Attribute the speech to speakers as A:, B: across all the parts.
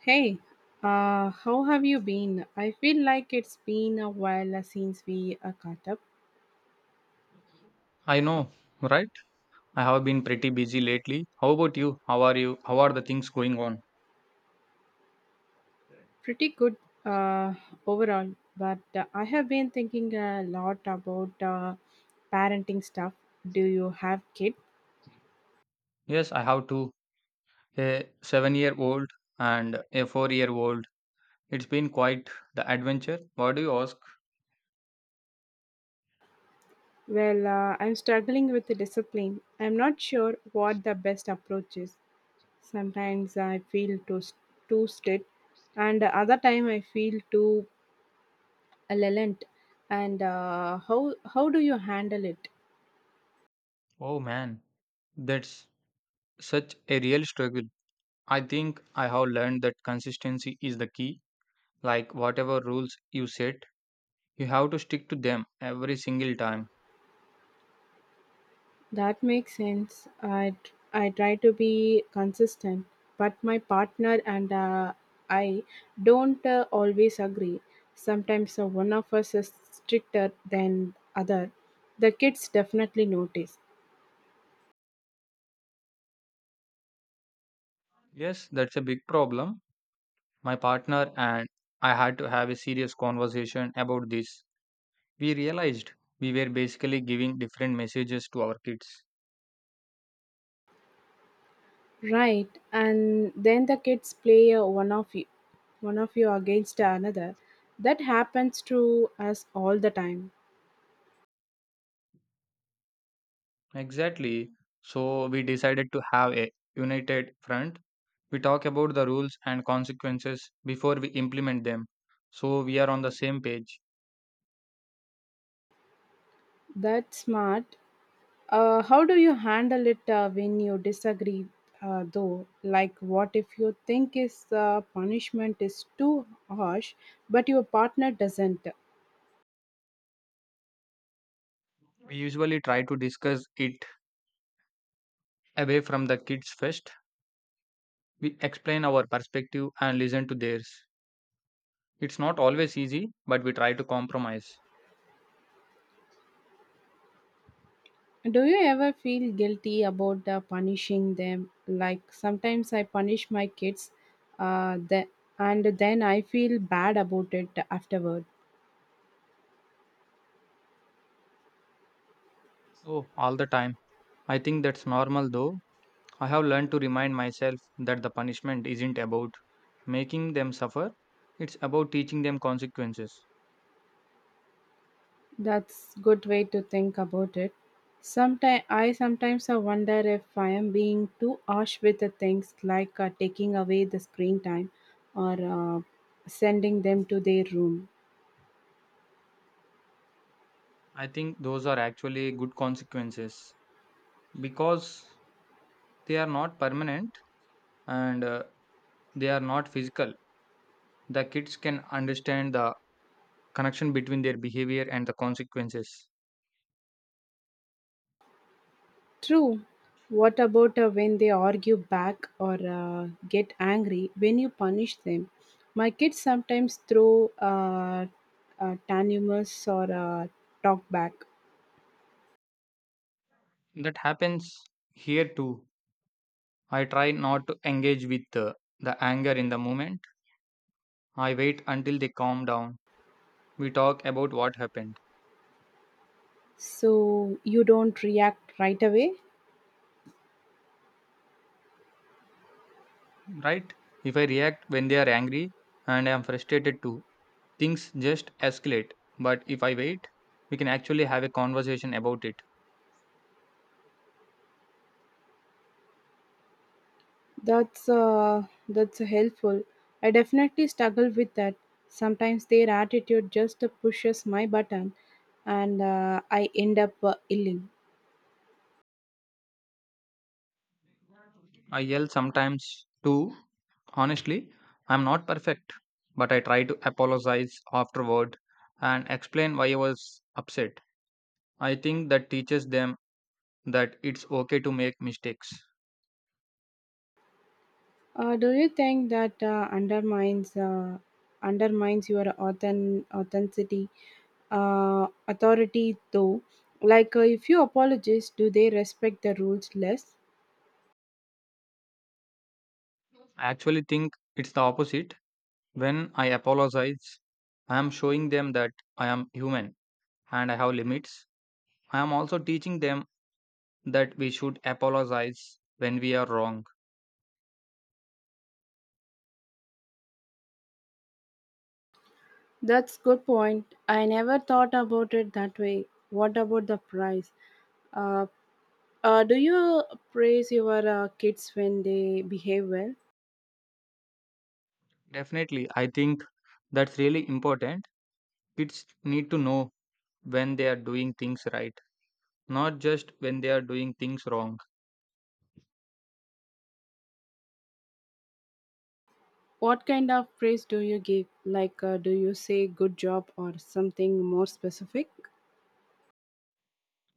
A: Hey, how have you been? I feel like it's been a while since we caught up.
B: I know, right? I have been pretty busy lately. How about you? How are the things going on?
A: Pretty good uh, overall, but I have been thinking a lot about parenting stuff. Do you have kids?
B: Yes, I have two, a 7 year old and a 4 year old. It's been quite the adventure. What do you ask?
A: Well, I'm struggling with the discipline. I'm not sure what the best approach is. Sometimes I feel too strict, and other time I feel too lenient. And how do you handle it?
B: Oh man, that's such a real struggle. I think I have learned that consistency is the key. Like whatever rules you set, you have to stick to them every single time.
A: That makes sense. I try to be consistent, but my partner and I don't always agree. Sometimes one of us is stricter than other. The kids definitely notice,
B: Yes, that's a big problem. My partner and I had to have a serious conversation about this. We realized we were basically giving different messages to our kids.
A: right? And then the kids play one of you against another. That happens to us all the time.
B: Exactly. So we decided to have a united front. We talk about the rules and consequences before we implement them. So we are on the same page.
A: That's smart. How do you handle it when you disagree, though? Like, what if you think is punishment is too harsh, but your partner doesn't?
B: We usually try to discuss it away from the kids first. We explain our perspective and listen to theirs. It's not always easy, but we try to compromise.
A: Do you ever feel guilty about punishing them? Like, sometimes I punish my kids, uh, the, and then I feel bad about it afterward.
B: So all the time. I think that's normal though. I have learned to remind myself that the punishment isn't about making them suffer, it's about teaching them consequences.
A: That's good way to think about it. Sometimes I wonder if I am being too harsh with the things like taking away the screen time or sending them to their room.
B: I think those are actually good consequences because they are not permanent and they are not physical. The kids can understand the connection between their behavior and the consequences.
A: True. What about when they argue back or get angry when you punish them? My kids sometimes throw tantrums or talk back.
B: That happens here too. I try not to engage with the anger in the moment. I wait until they calm down. We talk about what happened.
A: So you don't react right away.
B: Right? If I react when they are angry and I am frustrated too, things just escalate. But if I wait, we can actually have a conversation about it.
A: That's helpful. I definitely struggle with that. Sometimes their attitude just pushes my button, and I end up illing.
B: I yell sometimes too. Honestly, I'm not perfect, but I try to apologize afterward and explain why I was upset. I think that teaches them that it's okay to make mistakes.
A: Do you think that undermines your authenticity, authority though? Like if you apologize, do they respect the rules less?
B: I actually think it's the opposite. When I apologize, I am showing them that I am human and I have limits. I am also teaching them that we should apologize when we are wrong.
A: That's good point. I never thought about it that way. What about the price? Uh, do you praise your kids when they behave well?
B: Definitely, I think that's really important. Kids need to know when they are doing things right, not just when they are doing things wrong.
A: What kind of praise do you give? Like, do you say good job or something more specific?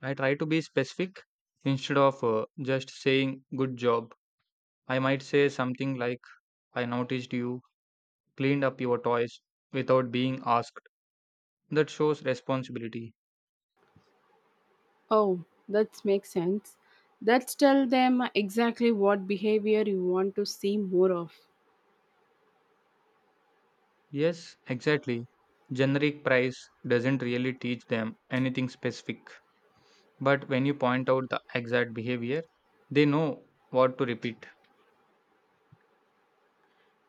B: I try to be specific instead of just saying good job. I might say something like, I noticed you cleaned up your toys without being asked. That shows responsibility.
A: Oh, that makes sense. That's tell them exactly what behavior you want to see more of.
B: Yes, exactly. Generic praise doesn't really teach them anything specific. But when you point out the exact behavior, they know what to repeat.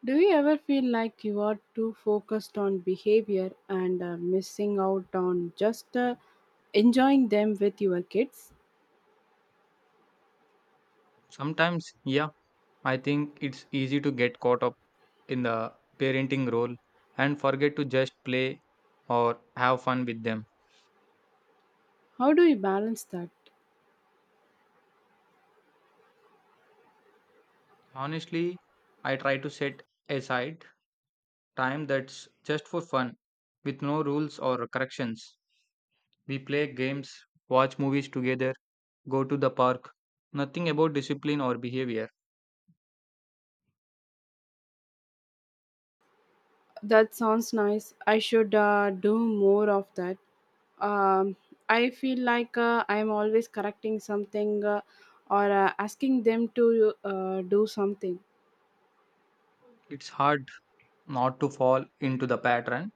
A: Do you ever feel like you are too focused on behavior and missing out on just enjoying them with your kids?
B: Sometimes, yeah, I think it's easy to get caught up in the parenting role and forget to just play or have fun with them.
A: How do you balance that?
B: Honestly, I try to set aside time that's just for fun with no rules or corrections. We play games, watch movies together, go to the park. Nothing about discipline or behavior.
A: That sounds nice. I should do more of that. Um, I feel like I'm always correcting something or asking them to do something.
B: It's hard not to fall into the pattern.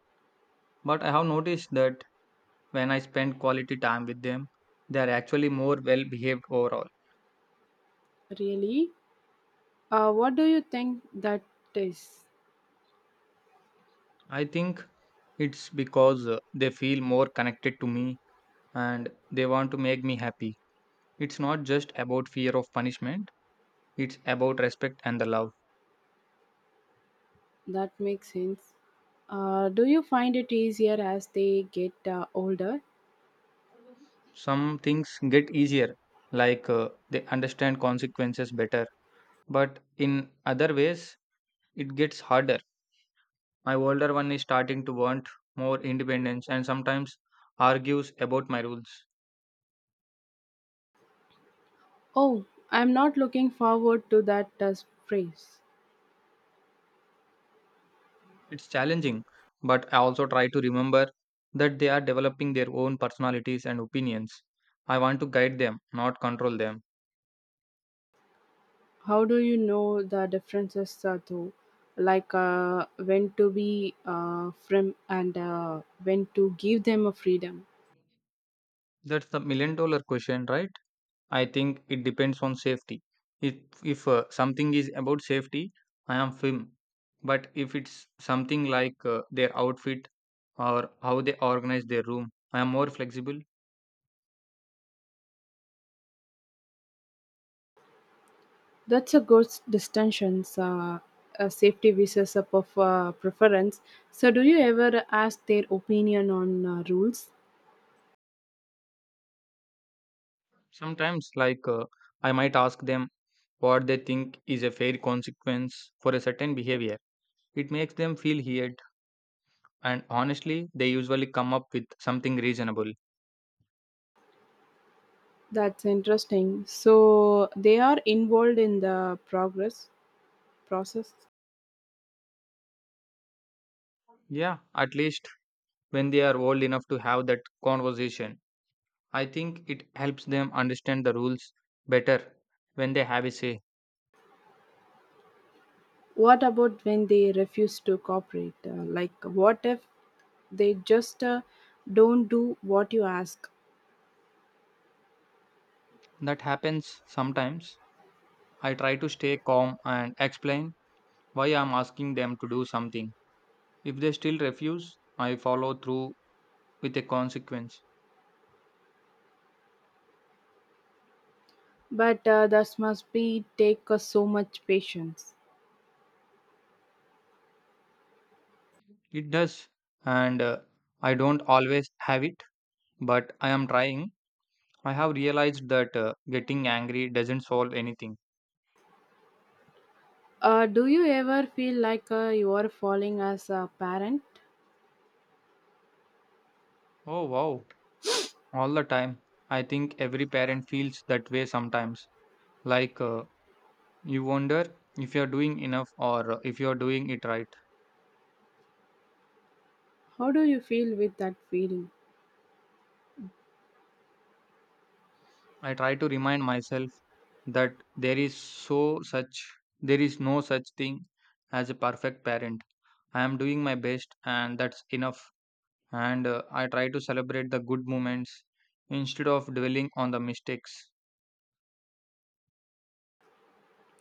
B: But I have noticed that when I spend quality time with them, they are actually more well behaved overall.
A: Really? What do you think that is?
B: I think it's because they feel more connected to me and they want to make me happy. It's not just about fear of punishment, it's about respect and the love.
A: That makes sense. Do you find it easier as they get older?
B: Some things get easier, like they understand consequences better, but in other ways, it gets harder. My older one is starting to want more independence and sometimes argues about my rules.
A: Oh, I'm not looking forward to that phrase.
B: It's challenging, but I also try to remember that they are developing their own personalities and opinions. I want to guide them, not control them.
A: How do you know the differences though? Like when to be firm and when to give them a freedom.
B: That's the million dollar question, right? I think it depends on safety. If if something is about safety, I am firm. But if it's something like their outfit or how they organize their room, I am more flexible.
A: That's a good distinction. A safety versus a preference. So, do you ever ask their opinion on rules?
B: Sometimes, like I might ask them what they think is a fair consequence for a certain behavior. It makes them feel heard, and honestly, they usually come up with something reasonable.
A: That's interesting. So, they are involved in the progress process.
B: Yeah, at least when they are old enough to have that conversation. I think it helps them understand the rules better when they have a say.
A: What about when they refuse to cooperate? Like, what if they just don't do what you ask?
B: That happens sometimes. I try to stay calm and explain why I'm asking them to do something. If they still refuse, I follow through with a consequence.
A: But that must be take so much patience.
B: It does, and I don't always have it, but I am trying. I have realized that getting angry doesn't solve anything.
A: Do you ever feel like you are falling as a parent?
B: Oh, wow. All the time. I think every parent feels that way sometimes. Like, you wonder if you're doing enough or if you're doing it right.
A: How do you feel with that feeling?
B: I try to remind myself that there is no such thing as a perfect parent. I am doing my best and that's enough. And I try to celebrate the good moments instead of dwelling on the mistakes.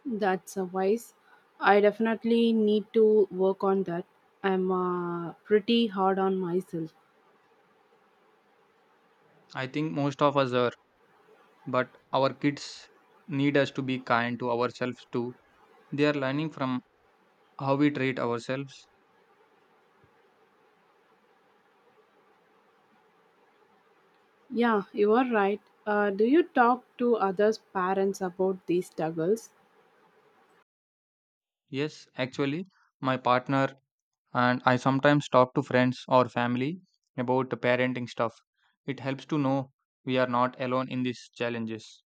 A: That's a wise. I definitely need to work on that. I'm pretty hard on myself.
B: I think most of us are. But our kids need us to be kind to ourselves too. They are learning from how we treat ourselves.
A: Yeah, you are right. Do you talk to others' parents about these struggles?
B: Yes, actually, my partner and I sometimes talk to friends or family about the parenting stuff. It helps to know we are not alone in these challenges.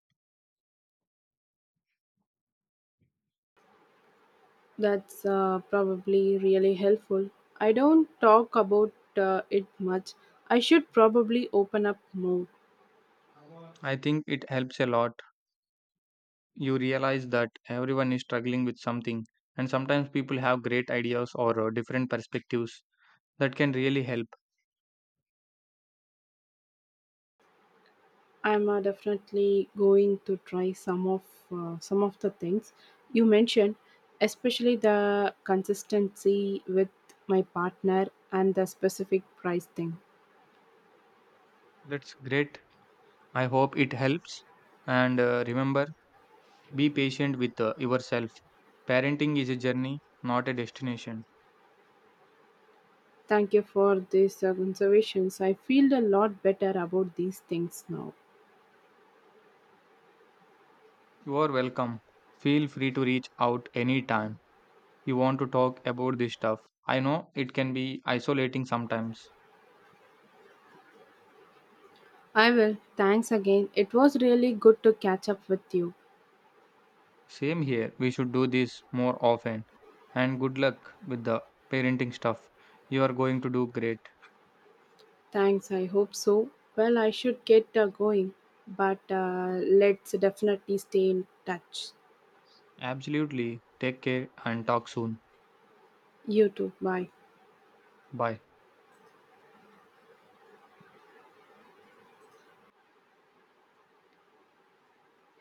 A: That's probably really helpful. I don't talk about it much. I should probably open up more.
B: I think it helps a lot. You realize that everyone is struggling with something, and sometimes people have great ideas or different perspectives that can really help.
A: I'm definitely going to try some of the things you mentioned, especially the consistency with my partner and the specific price thing.
B: That's great. I hope it helps. And remember, be patient with yourself. Parenting is a journey, not a destination.
A: Thank you for these observations. I feel a lot better about these things now.
B: You are welcome. Feel free to reach out anytime you want to talk about this stuff. I know it can be isolating sometimes.
A: I will. Thanks again. It was really good to catch up with you.
B: Same here, we should do this more often. And good luck with the parenting stuff. You are going to do great.
A: Thanks, I hope so. Well, I should get going, but let's definitely stay in touch.
B: Absolutely. Take care and talk soon.
A: You too. Bye.
B: Bye.